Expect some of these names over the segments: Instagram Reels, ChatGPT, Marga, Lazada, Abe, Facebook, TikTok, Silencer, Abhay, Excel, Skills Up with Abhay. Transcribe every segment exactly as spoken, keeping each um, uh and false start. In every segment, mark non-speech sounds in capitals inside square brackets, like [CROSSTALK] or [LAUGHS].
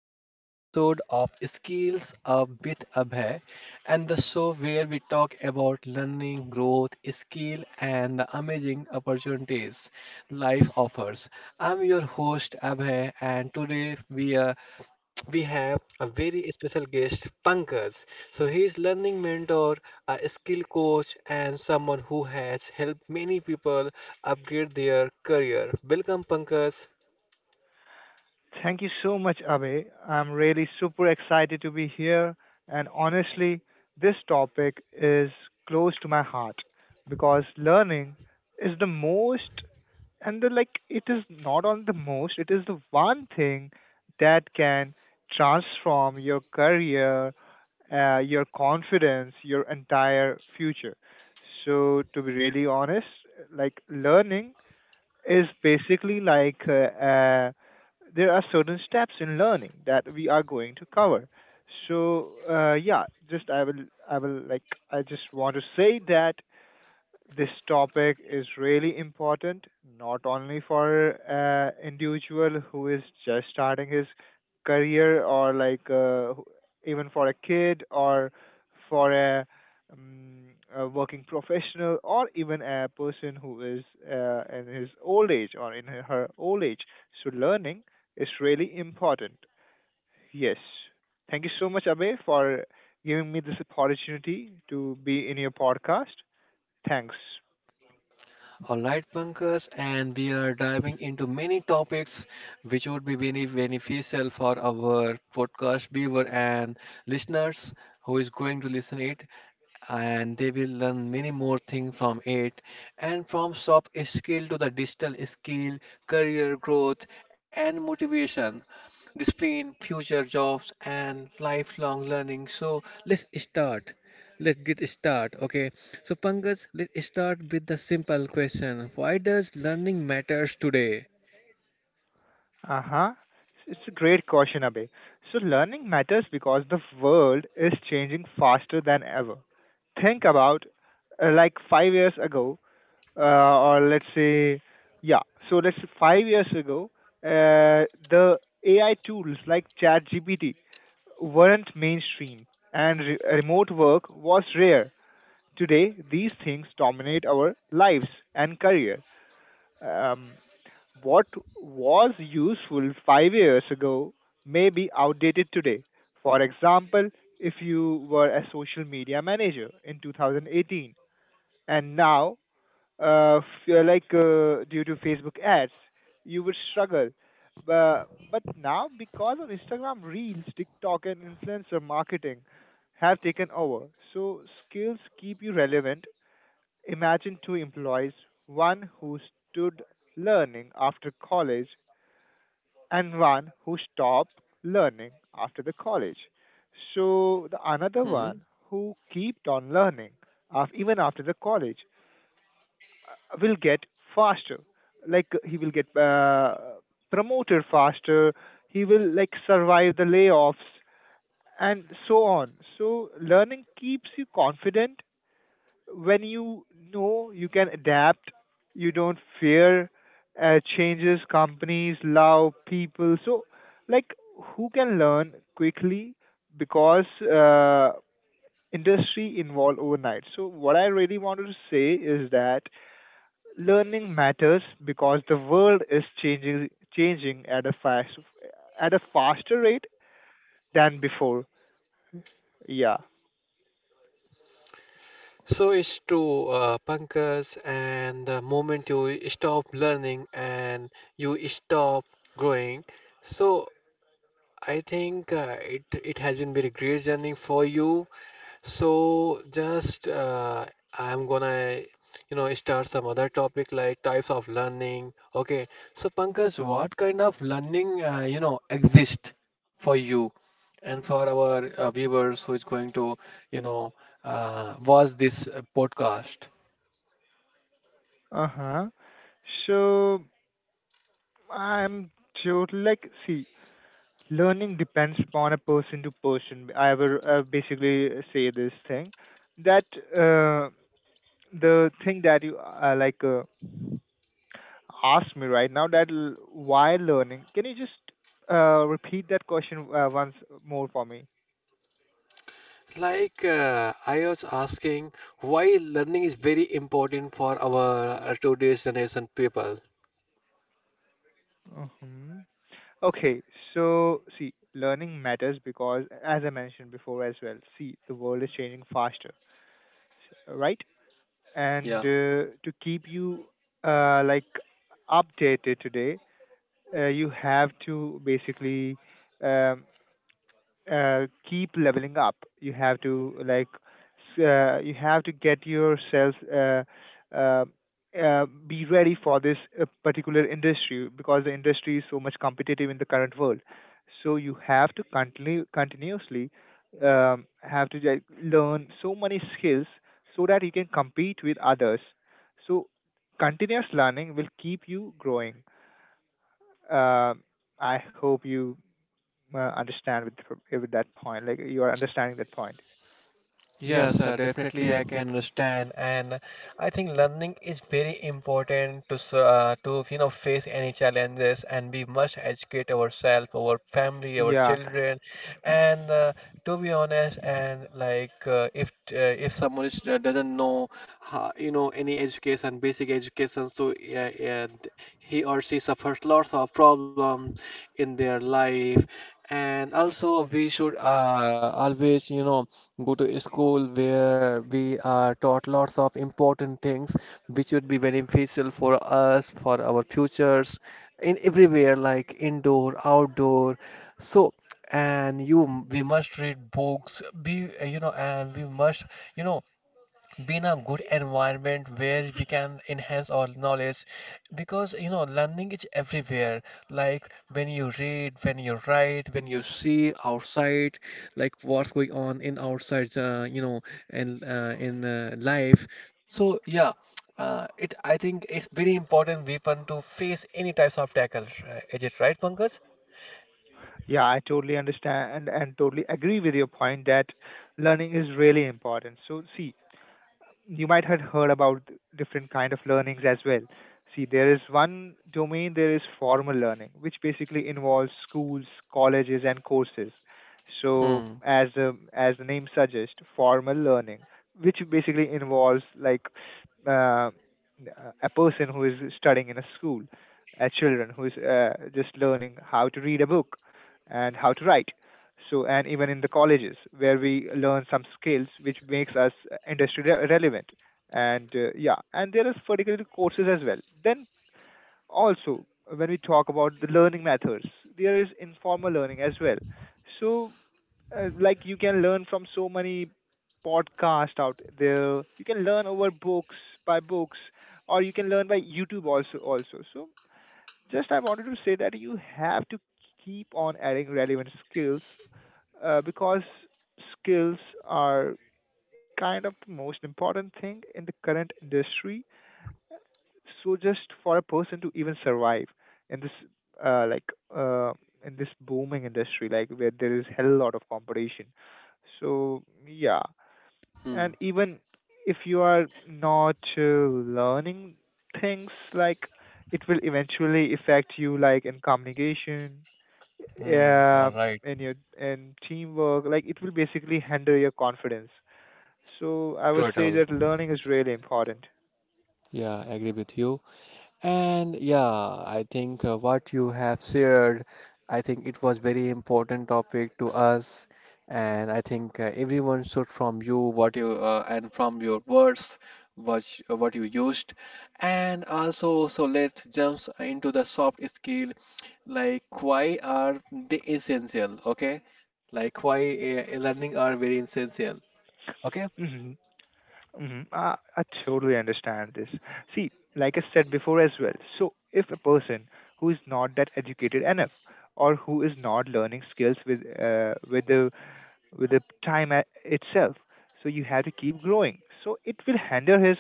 another episode of Skills Up with Abhay and the show where we talk about learning, growth, skill and the amazing opportunities life offers. I'm your host Abhay and today we are we have a very special guest, Pankaj. So he is learning mentor, a skill coach, and someone who has helped many people upgrade their career. Welcome, Pankaj. Thank you so much, Abe. I'm really super excited to be here. And honestly, this topic is close to my heart because learning is the most, and the like, it is not on the most, it is the one thing that can transform your career, uh, your confidence, your entire future. So, to be really honest, like, learning is basically like uh, uh, there are certain steps in learning that we are going to cover. So uh, yeah, just I will I will like I just want to say that this topic is really important, not only for uh, individual who is just starting his career or like uh, even for a kid or for a, um, a working professional or even a person who is uh, in his old age or in her old age. So learning is really important. Yes. Thank you so much, Abe, for giving me this opportunity to be in your podcast. Thanks. Alright, Pankaj, and we are diving into many topics which would be very beneficial for our podcast viewer and listeners who is going to listen it and they will learn many more things from it, and from soft skill to the digital skill, career growth and motivation, discipline, future jobs and lifelong learning. So let's start. Let's get start. Okay. So Pankaj, let's start with the simple question. Why does learning matters today? Uh-huh. It's a great question, Abhay. So learning matters because the world is changing faster than ever. Think about uh, like five years ago, uh, or let's say, yeah, so let's say five years ago, uh, the A I tools like ChatGPT weren't mainstream and re- remote work was rare. Today, these things dominate our lives and career. Um, what was useful five years ago may be outdated today. For example, if you were a social media manager in two thousand eighteen and now, uh, feel like uh, due to Facebook ads, you would struggle. But, but now, because of Instagram Reels, TikTok, and influencer marketing, have taken over. So skills keep you relevant. Imagine two employees, one who stood learning after college and one who stopped learning after the college. So the another Hmm one who kept on learning af- even after the college uh, will get faster. Like he will get uh, promoted faster. He will like survive the layoffs and so on. So learning keeps you confident when you know you can adapt, you don't fear uh, changes, companies, love, people. So, like, who can learn quickly because uh, industry involve overnight. So, what I really wanted to say is that learning matters because the world is changing changing at a fast at a faster rate than before. Yeah. So it's true, uh, Pankaj, and the moment you stop learning and you stop growing, so I think uh, it it has been very great journey for you. So just uh, I'm gonna, you know, start some other topic like types of learning. Okay. So Pankaj, what kind of learning, uh, you know, exist for you and for our uh, viewers who is going to, you know, uh, watch this uh, podcast? Uh huh. So I'm totally like see learning depends upon a person to person. I will uh, basically say this thing that uh, the thing that you uh, like uh, asked me right now, that l- why learning? Can you just uh, repeat that question uh, once more for me? Like uh, I was asking, why learning is very important for our uh, today's generation people. Hmm. Okay, so see, learning matters because, as I mentioned before as well, see, the world is changing faster, s- right? And Yeah. uh, to keep you uh, like updated today, uh, you have to basically um, uh, keep leveling up. You have to like s- uh, you have to get yourself uh, uh, uh, be ready for this uh, particular industry because the industry is so much competitive in the current world. So you have to continue continuously um, have to like, learn so many skills so that you can compete with others. So continuous learning will keep you growing. uh, I hope you uh, understand with with that point. Like you are understanding that point. Yes, uh, definitely I can understand, and I think learning is very important to s- uh, to you know face any challenges, and we must educate ourselves, our family, our Yeah, children, and uh, to be honest, and like uh, if uh, if someone is, uh, doesn't know ho- you know any education, basic education, so yeah, yeah, th- he or she suffers lots of problems in their life, and also we should uh, always you know go to a school where we are taught lots of important things which would be beneficial for us, for our futures, in everywhere like indoor, outdoor. So, and you, m- we must read books, be, uh, you know, and we must, you know, be in a good environment where we can enhance our knowledge, because you know learning is everywhere, like when you read, when you write, when you see outside, like what's going on in outside uh, you know in uh, in uh, life. So yeah uh, it I think it's very important weapon to face any types of tackle, right? Is it right, Pankaj? yeah, I totally understand and, and totally agree with your point that learning is really important. So see, you might have heard about different kind of learnings as well. See, there is one domain, there is formal learning, which basically involves schools, colleges, and courses. So, Hmm as the as the name suggests, formal learning, which basically involves like uh, a person who is studying in a school, a children who is uh, just learning how to read a book and how to write. So and even in the colleges where we learn some skills which makes us uh, industry re- relevant, and uh, yeah, and there is particular courses as well. Then also, when we talk about the learning methods, there is informal learning as well. So uh, like you can learn from so many podcasts out there, you can learn over books, by books, or you can learn by YouTube also also. So just I wanted to say that you have to keep on adding relevant skills uh, because skills are kind of the most important thing in the current industry. So just for a person to even survive in this uh, like uh, in this booming industry, like where there is hell lot of competition. So yeah, hmm and even if you are not uh, learning things, like it will eventually affect you, like in communication, hmm all yeah, right. and your and teamwork, like it will basically hinder your confidence. So I True would at say all. that learning is really important. Yeah, I agree with you. And yeah, I think uh, what you have shared, I think it was very important topic to us, and I think uh, everyone should from you what you uh, and from your words what sh- uh, what you used, and also so let's jump into the soft skill, like why are they essential? Okay, like why uh, learning are very essential. Okay. Hmm. Hmm. I, I totally understand this. See, like I said before as well. So if a person who is not that educated enough or who is not learning skills with uh, with the with the time a- itself. So you have to keep growing. So it will handle his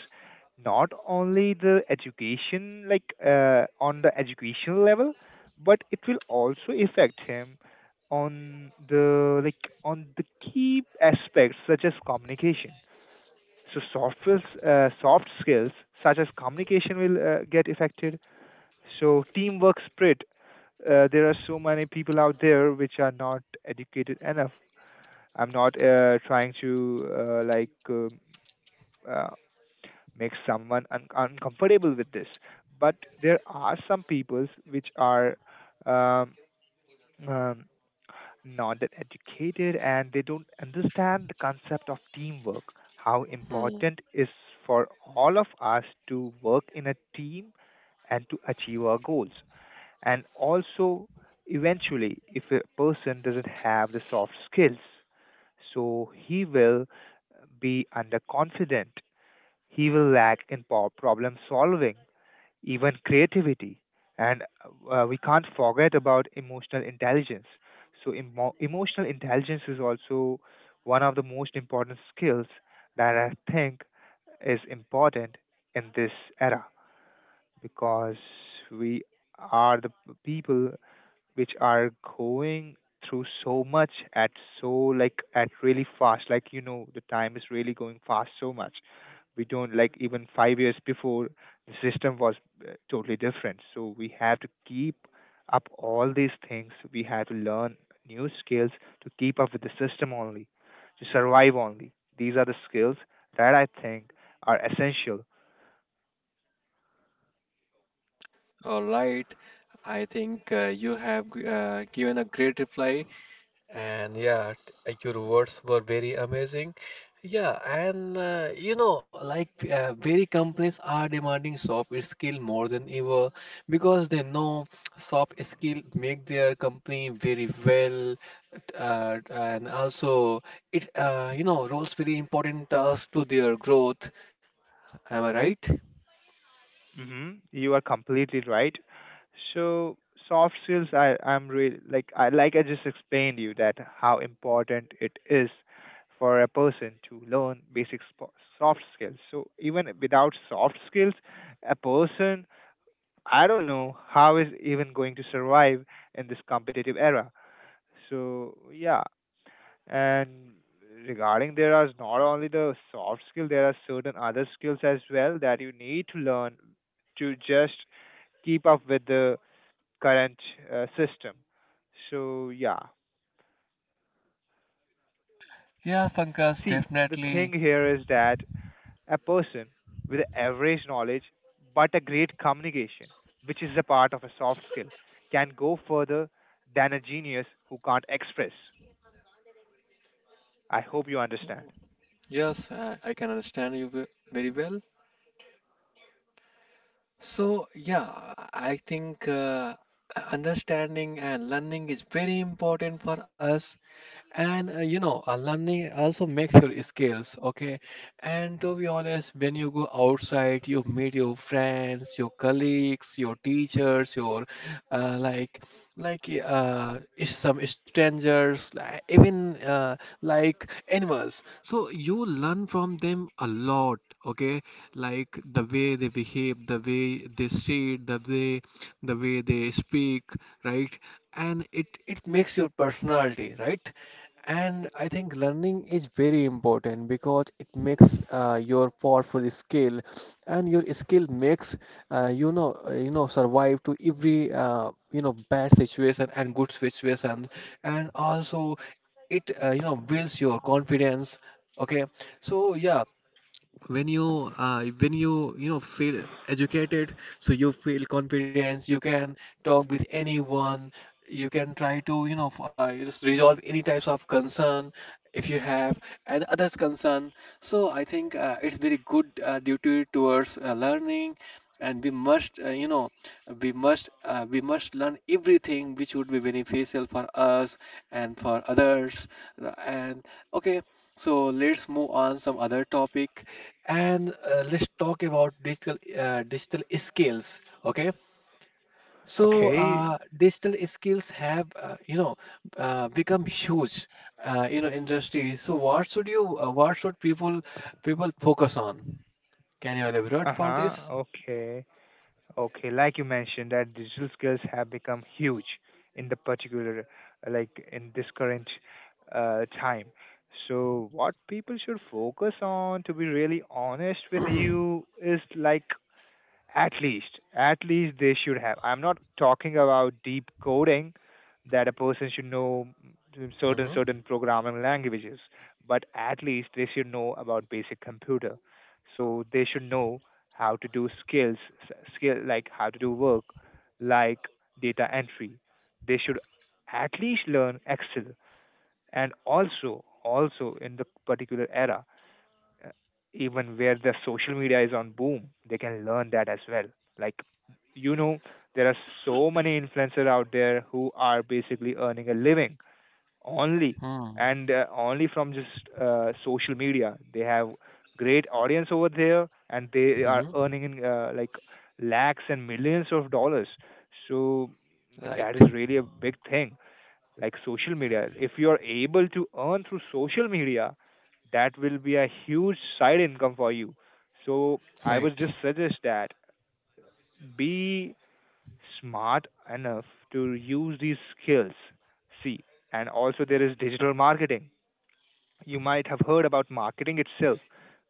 not only the education, like uh, on the educational level, but it will also affect him on the like on the key aspects such as communication. So soft skills, uh, soft skills such as communication will uh, get affected. So teamwork spirit. Uh, there are so many people out there which are not educated enough. I'm not uh, trying to uh, like um, uh, make someone un- uncomfortable with this, but there are some peoples which are um, um, not that educated and they don't understand the concept of teamwork. How hmm. important is for all of us to work in a team and to achieve our goals, and also eventually if a person doesn't have the soft skills, so he will be underconfident, he will lack in po- problem solving, even creativity, and uh, we can't forget about emotional intelligence. So emo- emotional intelligence is also one of the most important skills that I think is important in this era, because we are the people which are going through so much at so like at really fast, like you know the time is really going fast so much. We don't like, even five years before the system was uh, totally different, so we have to keep up all these things. We have to learn new skills to keep up with the system only, to survive only. These are the skills that I think are essential. All right. I think uh, you have g- uh, given a great reply. And yeah, t- uh, your words were very amazing. Yeah, and uh, you know, like uh, very companies are demanding soft skill more than ever because they know soft skill make their company very well, uh, and also it uh, you know roles very important task to their growth. Am I right? Hmm. You are completely right. So soft skills, I I'm really like I like I just explained you that how important it is for a person to learn basic spo- soft skills. So even without soft skills, a person, I don't know how is even going to survive in this competitive era. So yeah, and regarding there are not only the soft skill, there are certain other skills as well that you need to learn to just keep up with the current uh, system. So yeah, Yeah, Pankaj, see the thing definitely. here is that a person with average knowledge but a great communication, which is a part of a soft skill, can go further than a genius who can't express. I hope you understand. Yes, I, I can understand you ve- very well. So, yeah, I think uh, understanding and learning is very important for us, and uh, you know uh, learning also makes your skills, okay, and to be honest when you go outside you meet your friends, your colleagues, your teachers, your uh, like like uh, is- some strangers, li- even uh, like animals, so you learn from them a lot. Okay, like the way they behave, the way they sit, the way the way they speak, right, and it it makes your personality, right. And I think learning is very important because it makes uh, your powerful skill, and your skill makes uh, you know uh, you know survive to every uh, you know bad situation and good situation, and also it uh, you know builds your confidence. Okay, so yeah, when you uh, when you you know feel educated so you feel confidence, you can talk with anyone, you can try to you know f- uh, just resolve any types of concern if you have and others concern. So I think uh, it's very good uh, duty towards uh, learning, and we must uh, you know we must uh, we must learn everything which would be beneficial for us and for others, r- and okay, so let's move on some other topic, and uh, let's talk about digital uh, digital skills. Okay, so Okay. uh, digital skills have uh, you know uh, become huge uh, you know industry. So what should you uh, what should people people focus on? Can you elaborate Uh for huh. this? Okay. Okay, like you mentioned that digital skills have become huge in the particular, like in this current uh, time. So what people should focus on, to be really honest with you, is like at least, at least they should have. I'm not talking about deep coding, that a person should know certain Mm-hmm. certain programming languages, but at least they should know about basic computer. So they should know how to do skills, s- skill like how to do work, like data entry. They should at least learn Excel. And also, also in the particular era, uh, even where the social media is on boom, they can learn that as well. Like, you know, there are so many influencers out there who are basically earning a living only, Mm-hmm. and uh, only from just uh, social media. They have great audience over there, and they are earning in uh, like lakhs and millions of dollars. So Right. that is really a big thing, like social media. If you are able to earn through social media, that will be a huge side income for you. So I would Right. just suggest that be smart enough to use these skills. See, and also there is digital marketing. You might have heard about marketing itself.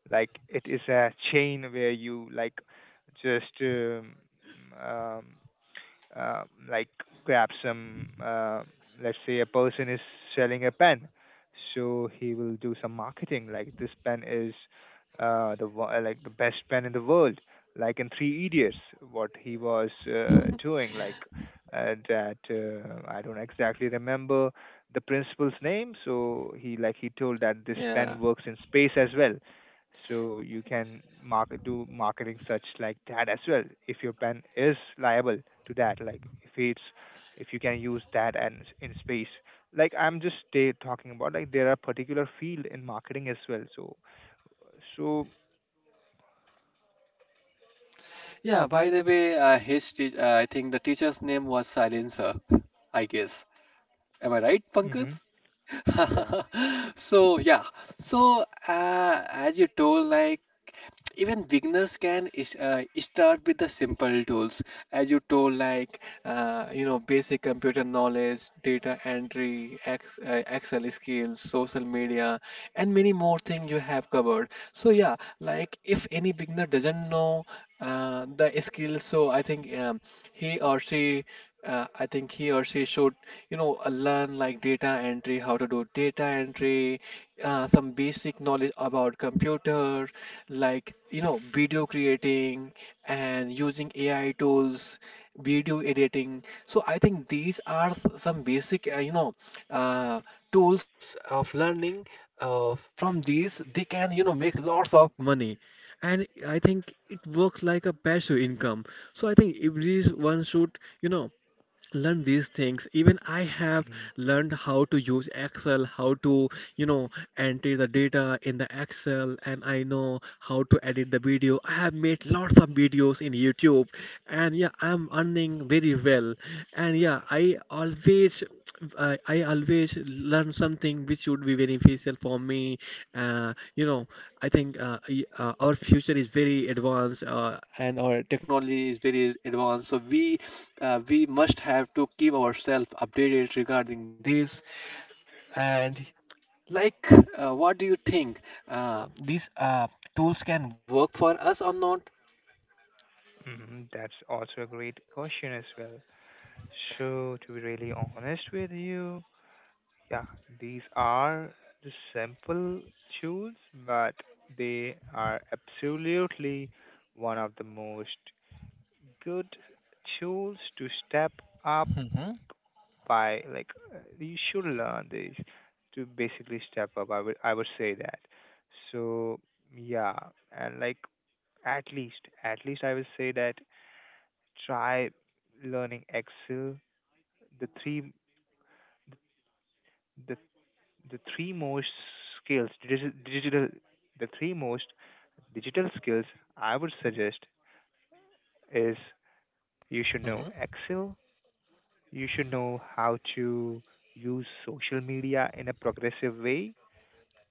Like it is a chain where you like just um, um, uh, like grab some, uh, let's say a person is selling a pen, so he will do some marketing, like, this pen is uh, the wo- uh, like the best pen in the world, like in Three Idiots. What he was uh, doing, like, uh, that uh, I don't exactly remember the principal's name. So he like he told that this Yeah. pen works in space as well. So you can market do marketing such like that as well if your pen is liable to that, like if it's if you can use that and s- in space. Like, I'm just ta- talking about, like, there are particular field in marketing as well, so so Yeah. By the way, uh, his teach uh, I think the teacher's name was Silencer. I guess. Am I right, Hmm. Pankaj? Yeah. [LAUGHS] So yeah, so uh, as you told, like even beginners can is- uh, start with the simple tools, as you told, like uh, you know, basic computer knowledge, data entry, ex uh, Excel skills, social media, and many more things you have covered. So yeah, like if any beginner doesn't know uh, the skills, so I think um, he or she. Uh, I think he or she should, you know, uh, learn like data entry, how to do data entry, uh, some basic knowledge about computer, like you know, video creating and using A I tools, video editing. So I think these are s- some basic, uh, you know, uh, tools of learning. Uh, from these, they can you know make lots of money, and I think it works like a passive income. So I think everyone should you know learn these things. Even I have Hmm. learned how to use excel, how to you know enter the data in the excel, and I know how to edit the video, I have made lots of videos in YouTube, and yeah I'm earning very well. And yeah i always always I, I always learn something which would be beneficial for me. Uh, you know, I think uh, y- uh, our future is very advanced uh, and our technology is very advanced. So we uh, we must have to keep ourselves updated regarding this. And like, uh, what do you think? Uh, these uh, tools can work for us or not? Hmm. That's also a great question as well. So, to be really honest with you, yeah, these are the simple tunes, but they are absolutely one of the most good tools to step up Mm-hmm. by. Like, uh, you should learn these to basically step up. I would I would say that. So yeah, and, like, at least at least I would say that, try learning Excel. The three the the three most skills digi- digital the three most digital skills I would suggest is, you should Mm-hmm. know Excel, you should know how to use social media in a progressive way,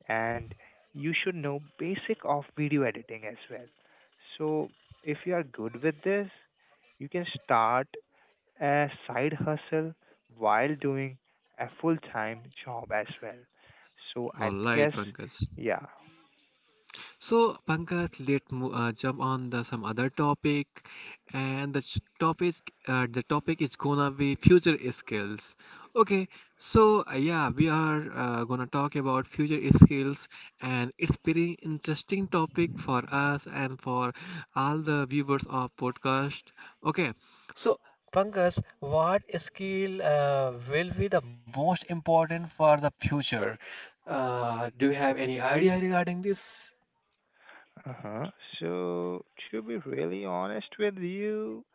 and you should know basic of video editing as well. So if you are good with this, you can start a side hustle while doing a full time job as well. So I All right, guess. Pankaj. Yeah. So, Pankaj, let's mo uh, jump on the some other topic, and the sh- topic uh, the topic is gonna be future skills. Okay, so uh, yeah, we are uh, gonna talk about future skills, and it's pretty interesting topic for us and for all the viewers of podcast. Okay, so. Pankaj, what skill uh, will be the most important for the future? Uh, do you have any idea regarding this? Uh-huh. So, to be really honest with you,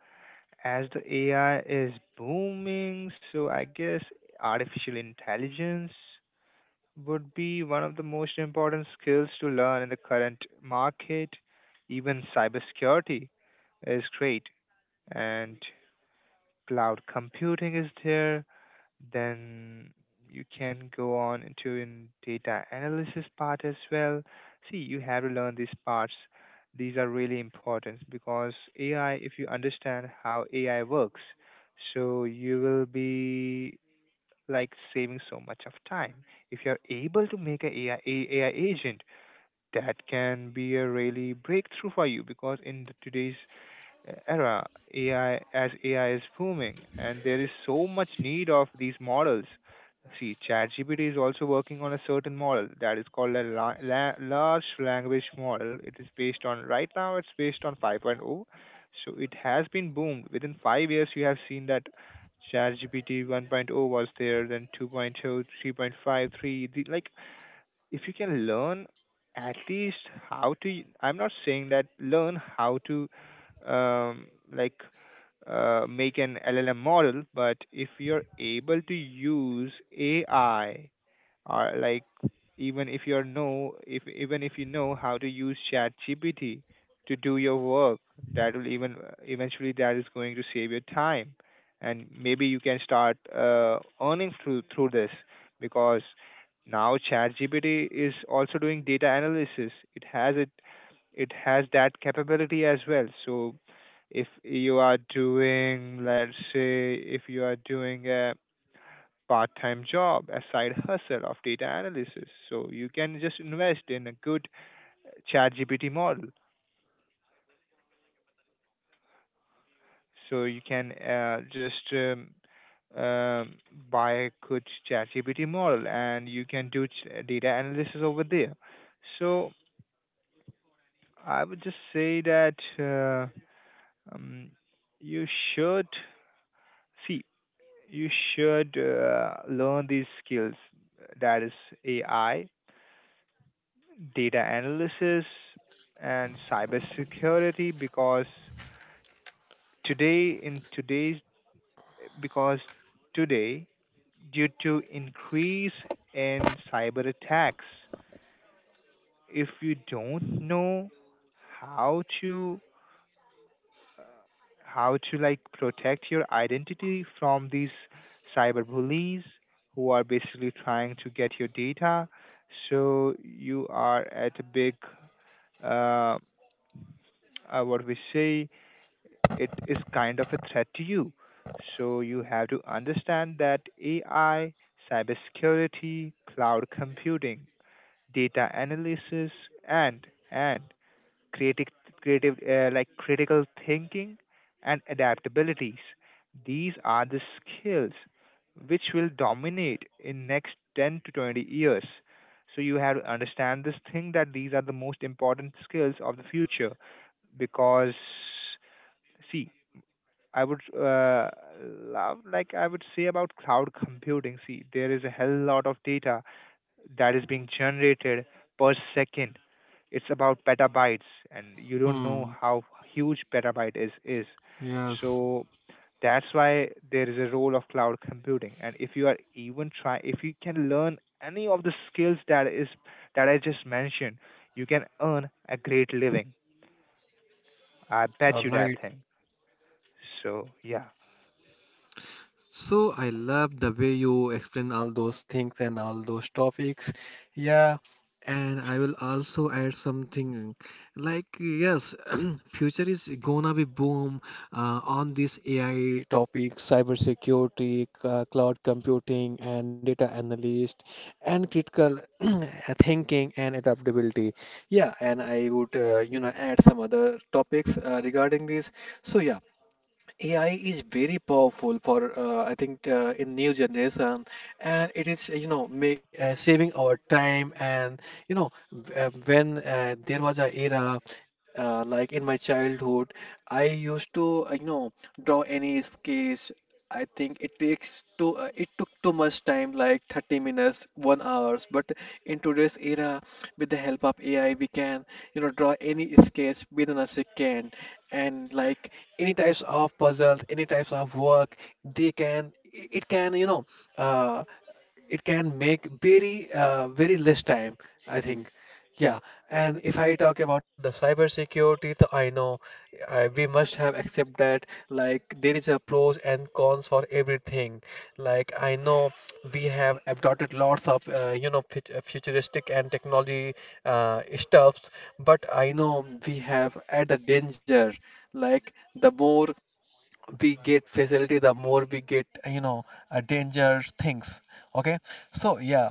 as the A I is booming, so I guess artificial intelligence would be one of the most important skills to learn in the current market. Even cybersecurity is great, and cloud computing is there, then you can go on into in data analysis part as well. See, you have to learn these parts. These are really important because AI, if you understand how AI works, so you will be, like, saving so much of time. If you're able to make an ai, A I agent, that can be a really breakthrough for you, because in the today's era A I, as A I is booming, and there is so much need of these models. See, ChatGPT is also working on a certain model that is called a la- la- large language model. It is based on right now. It's based on 5.0, point oh, so it has been boomed. Within five years, you have seen that ChatGPT 1.0 point oh was there, then two point oh, three point five, three The, like if you can learn at least how to I'm not saying that learn how to, um, like, uh, make an L L M model. But if you're able to use AI, or, like, even if you're know if even if you know how to use Chat GPT to do your work, that will even eventually, that is going to save your time. And maybe you can start uh, earning through through this, because now ChatGPT is also doing data analysis. It has it it has that capability as well. So if you are doing, let's say, if you are doing a part-time job, a side hustle of data analysis, so you can just invest in a good ChatGPT model. So you can, uh, just um, um, buy a good ChatGPT model, and you can do ch- data analysis over there. So I would just say that, uh, um, you should, see, you should, uh, learn these skills, that is A I, data analysis, and cybersecurity, because today, in today's, because today, due to increase in cyber attacks, if you don't know how to, how to like, protect your identity from these cyber bullies who are basically trying to get your data. So you are at a big, uh, uh, what we say, it is kind of a threat to you. So you have to understand that A I, cybersecurity, cloud computing, data analysis, and and creative, creative uh, like critical thinking and adaptabilities. These are the skills which will dominate in next ten to twenty years. So you have to understand this thing that these are the most important skills of the future, because, see, I would, uh, love, like, I would say about cloud computing. See, there is a hell lot of data that is being generated per second. It's about petabytes, and you don't know Hmm, how huge petabyte is is. yes, So that's why there is a role of cloud computing. And if you are even try, if you can learn any of the skills that is that I just mentioned, you can earn a great living. I all bet you right. that thing. So yeah. So I love the way you explain all those things and all those topics. Yeah, and I will also add something, like yes, [CLEARS THROAT] future is gonna be boom uh, on this A I topics, cybersecurity, uh, cloud computing, and data analyst, and critical [CLEARS THROAT] thinking and adaptability. Yeah, and I would uh, you know add some other topics uh, regarding this. So yeah. A I is very powerful for uh, I think uh, in new generation, and it is you know ma- uh, saving our time, and you know w- uh, when uh, there was a era uh, like in my childhood, I used to uh, you know draw any sketch. I think it takes to uh, it took too much time like thirty minutes, one hours. But in today's era, with the help of A I, we can you know draw any sketch within a second, and like any types of puzzles, any types of work, they can it can you know uh, it can make very uh, very less time I think. Yeah, and if I talk about the cybersecurity, so I know I, we must have accept that like there is a pros and cons for everything, like I know we have adopted lots of uh, you know fut- uh, futuristic and technology uh, stuffs, but I know we have at the danger, like the more we get facility, the more we get, you know, uh, danger things. Okay, so yeah,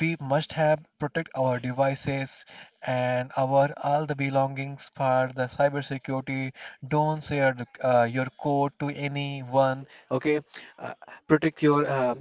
we must have protect our devices and our all the belongings for the cybersecurity. Don't share the, uh, your code to anyone. Okay, uh, protect your uh,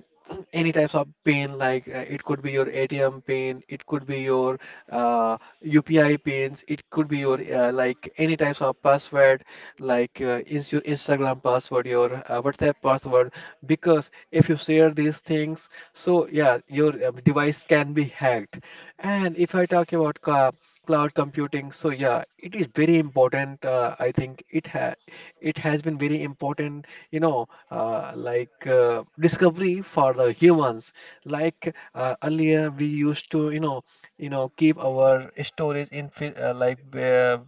any types of pin like uh, it could be your A T M pin, it could be your uh, U P I pins, it could be your uh, like any types of password like uh, is your Instagram password, your uh, WhatsApp password, because if you share these things, so yeah, your uh, device can be hacked. And if I talk about uh, cloud computing, so yeah, it is very important. Uh, I think it ha it has been very important, you know, uh, like uh, discovery for the humans. Like uh, earlier, we used to, you know, you know, keep our storage in phy- uh, like uh,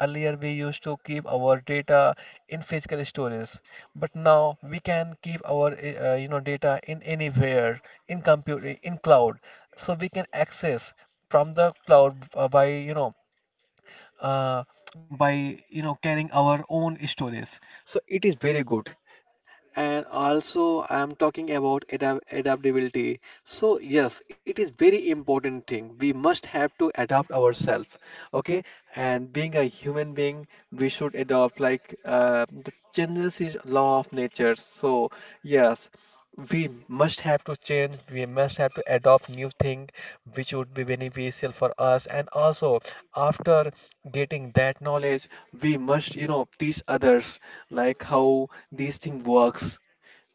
Earlier, we used to keep our data in physical storage, but now we can keep our eh, uh, you know data in anywhere, in computer, in cloud. So we can access from the cloud uh, by you know uh, by you know carrying our own storage. So it is very good. And also I am talking about adap- adaptability. So yes, it is very important thing. We must have to adapt ourselves. Okay, and being a human being, we should adopt, like, uh, the changes is law of nature. So yes, we must have to change. We must have to adopt new thing which would be beneficial for us, and also after getting that knowledge, we must, you know, teach others like how these thing works.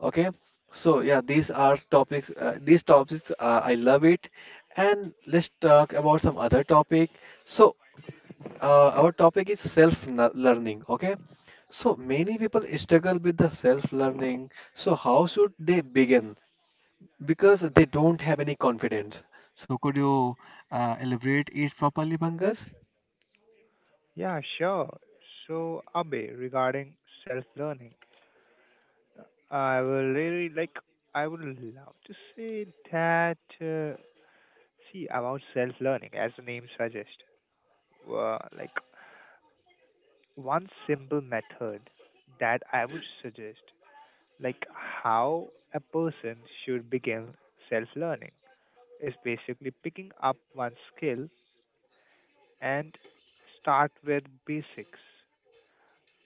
Okay, so yeah, these are topics, uh, these topics uh, I love it. And let's talk about some other topic. So uh, our topic is self n- learning. Okay, so many people struggle with the self learning. So how should they begin, because they don't have any confidence. So could you uh, elaborate it properly, Pankaj? Yeah, sure. So Abe, regarding self-learning, I will really like. I would love to say that. Uh, see, about self-learning, as the name suggests, uh, like, one simple method that I would suggest, like how a person should begin self-learning, is basically picking up one skill and start with basics,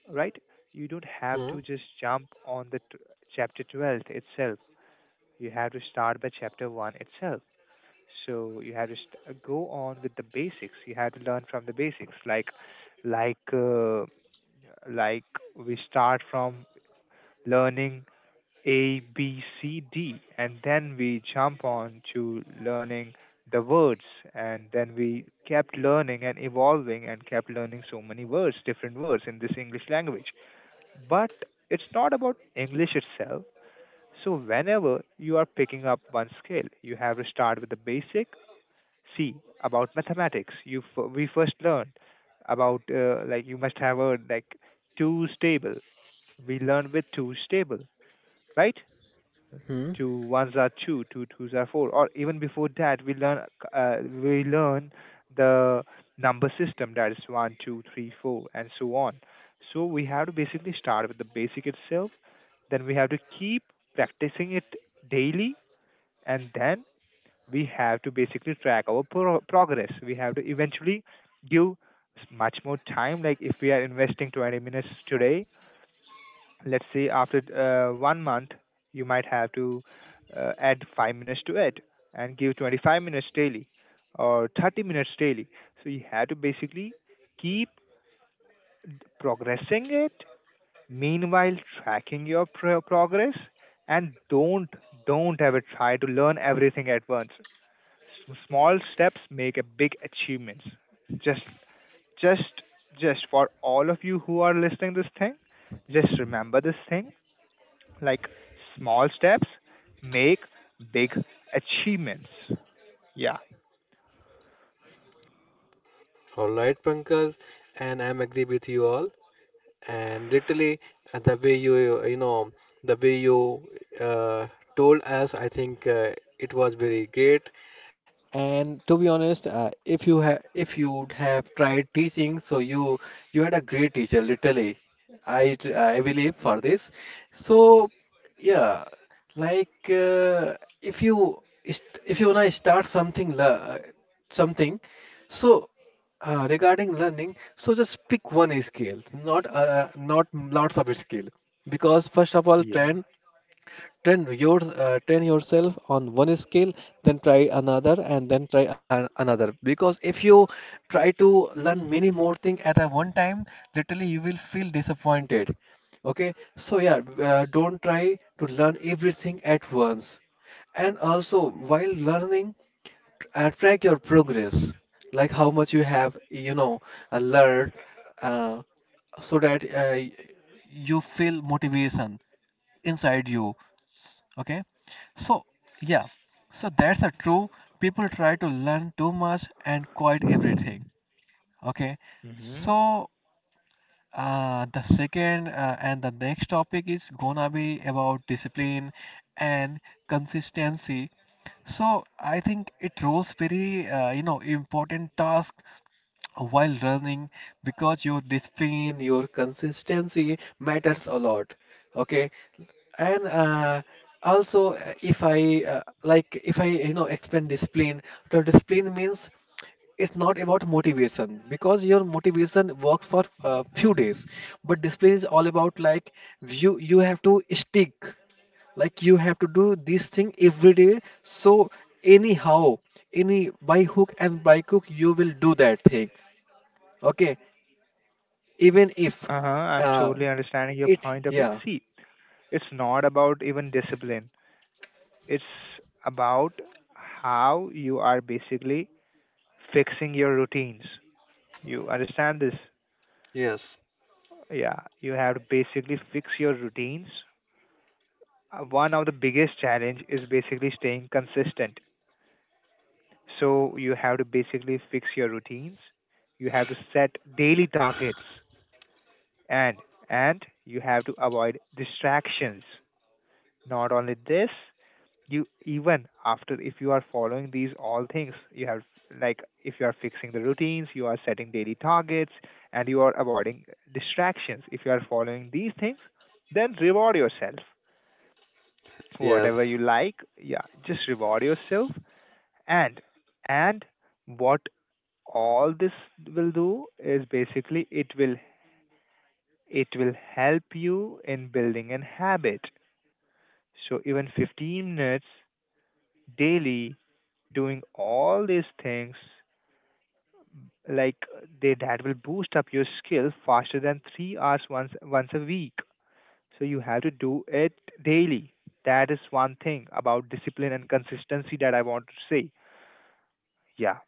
right? You don't have to Hmm. just jump on the t- chapter twelve itself. You have to start by chapter one itself. So you have to st- uh, go on with the basics. You have to learn from the basics, like like uh, like we start from learning A B C D, and then we jump on to learning the words, and then we kept learning and evolving and kept learning so many words, different words in this English language. But it's not about English itself. So whenever you are picking up one skill, you have to start with the basic. See, about mathematics, you f- we first learned about, uh, like, you must have a, like, twos table. We learn with twos table, right? Hmm. Two ones are two, two twos are four. Or even before that, we learn, uh, we learn the number system, that is one, two, three, four, and so on. So we have to basically start with the basic itself. Then we have to keep practicing it daily, and then we have to basically track our pro- progress. We have to eventually give s- much more time. Like, if we are investing twenty minutes today, let's say after uh, one month, you might have to uh, add five minutes to it and give twenty-five minutes daily or thirty minutes daily. So you have to basically keep d- progressing it, meanwhile tracking your pro- progress, and don't don't ever try to learn everything at once. S- Small steps make a big achievements. Just, just, just for all of you who are listening this thing, just remember this thing. Like, small steps make big achievements. Yeah. All right, Pankaj, and I'm agree with you all. And literally, uh, the way you, you know the way you uh, told us, I think uh, it was very great. And to be honest, uh, if you have, if you'd have tried teaching, so you you had a great teacher, literally. I tr- I believe for this. So yeah, like, uh, if you st- if you wanna start something le- uh, something, so uh, regarding learning, so just pick one skill, not, uh, not lots of skill, because first of all, Yeah. trend train your, uh, train yourself on one skill, then try another, and then try an- another. Because if you try to learn many more things at a one time, literally you will feel disappointed. Okay, so yeah, uh, don't try to learn everything at once. And also while learning, uh, track your progress, like how much you have, you know uh, learned, uh, so that uh, y- you feel motivation inside you. Okay, so, yeah, so that's a true. People try to learn too much and quite everything. Okay, Hmm. so uh, the second uh, and the next topic is gonna be about discipline and consistency. So I think it rolls very uh, you know important task while running, because your discipline, your consistency matters a lot. Okay, and uh, also, uh, if I uh, like if I you know explain discipline, the discipline means it's not about motivation, because your motivation works for a few days, but discipline is all about, like, you you have to stick, like you have to do this thing every day. So anyhow, any by hook and by crook, you will do that thing. Okay, even if Uh huh. I'm uh, totally understanding your it point of it. yeah, See, it's not about even discipline. It's about how you are basically fixing your routines. You understand this? yes, Yeah, you have to basically fix your routines. Uh, One of the biggest challenge is basically staying consistent. So you have to basically fix your routines. You have to set daily targets, and and you have to avoid distractions. Not only this, you, even after, if you are following these all things, you have, like, if you are fixing the routines, you are setting daily targets, and you are avoiding distractions. If you are following these things, then reward yourself, whatever yes. you like. Yeah, just reward yourself. And and what, all this will do is basically, it will, it will help you in building an habit. So even fifteen minutes daily doing all these things, like, they that will boost up your skill faster than three hours once once a week. So you have to do it daily. That is one thing about discipline and consistency that I want to say. Yeah.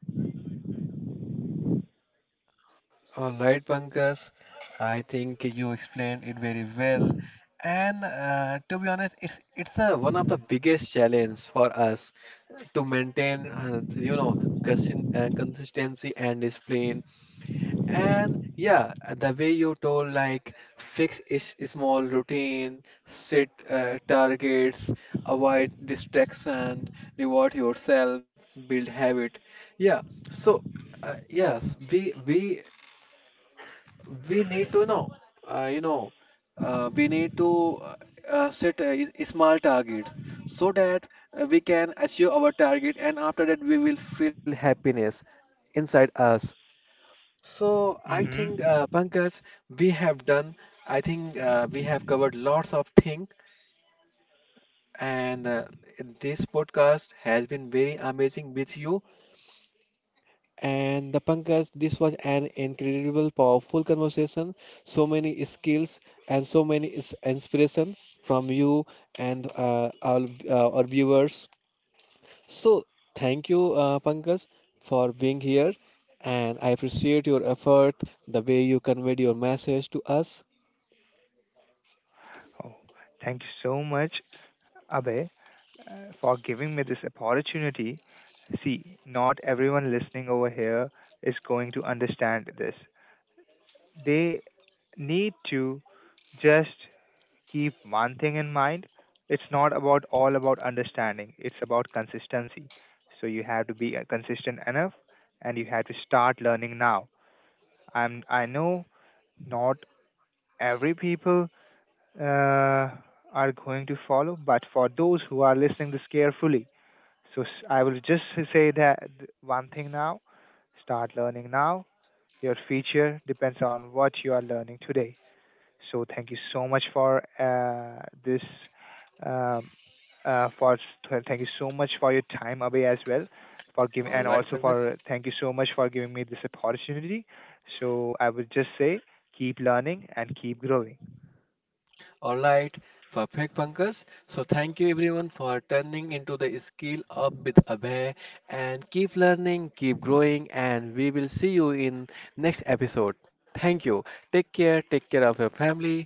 All right, Pankaj, I think you explained it very well. And uh, to be honest, it's it's a, one of the biggest challenge for us to maintain, uh, you know, consin- uh, consistency and discipline. And yeah, uh, the way you told, like fix is small routine, set uh, targets, avoid distraction, reward yourself, build habit. Yeah. So uh, yes, we we we need to know, uh, you know uh, we need to, uh, uh, set a, a small targets, so that uh, we can achieve our target, and after that we will feel happiness inside us. So I Mm-hmm. think, uh, Pankaj, we have done, I think, uh, we have covered lots of things. And uh, this podcast has been very amazing with you. And the Pankaj, this was an incredible, powerful conversation. So many skills and so many is- inspiration from you and uh, our, uh, our viewers. So thank you, uh, Pankaj, for being here. And I appreciate your effort, the way you conveyed your message to us. Oh, thank you so much, Abhay, uh, for giving me this opportunity. See, not everyone listening over here is going to understand this. They need to just keep one thing in mind. It's not about all about understanding. It's about consistency. So you have to be uh, consistent enough, and you have to start learning now. I'm. I know, not every people uh, are going to follow, but for those who are listening this carefully, so s- I will just say that, th- one thing now, start learning now. Your future depends on what you are learning today. So thank you so much for uh, this. Um, uh, for, th- thank you so much for your time, away as well, for giving, All and right, also Pankaj. for, uh, thank you so much for giving me this opportunity. So I would just say, keep learning and keep growing. All right, perfect, Pankaj. So thank you everyone for turning into the Skill Up with Abhay, and keep learning, keep growing, and we will see you in next episode. Thank you. Take care. Take care of your family.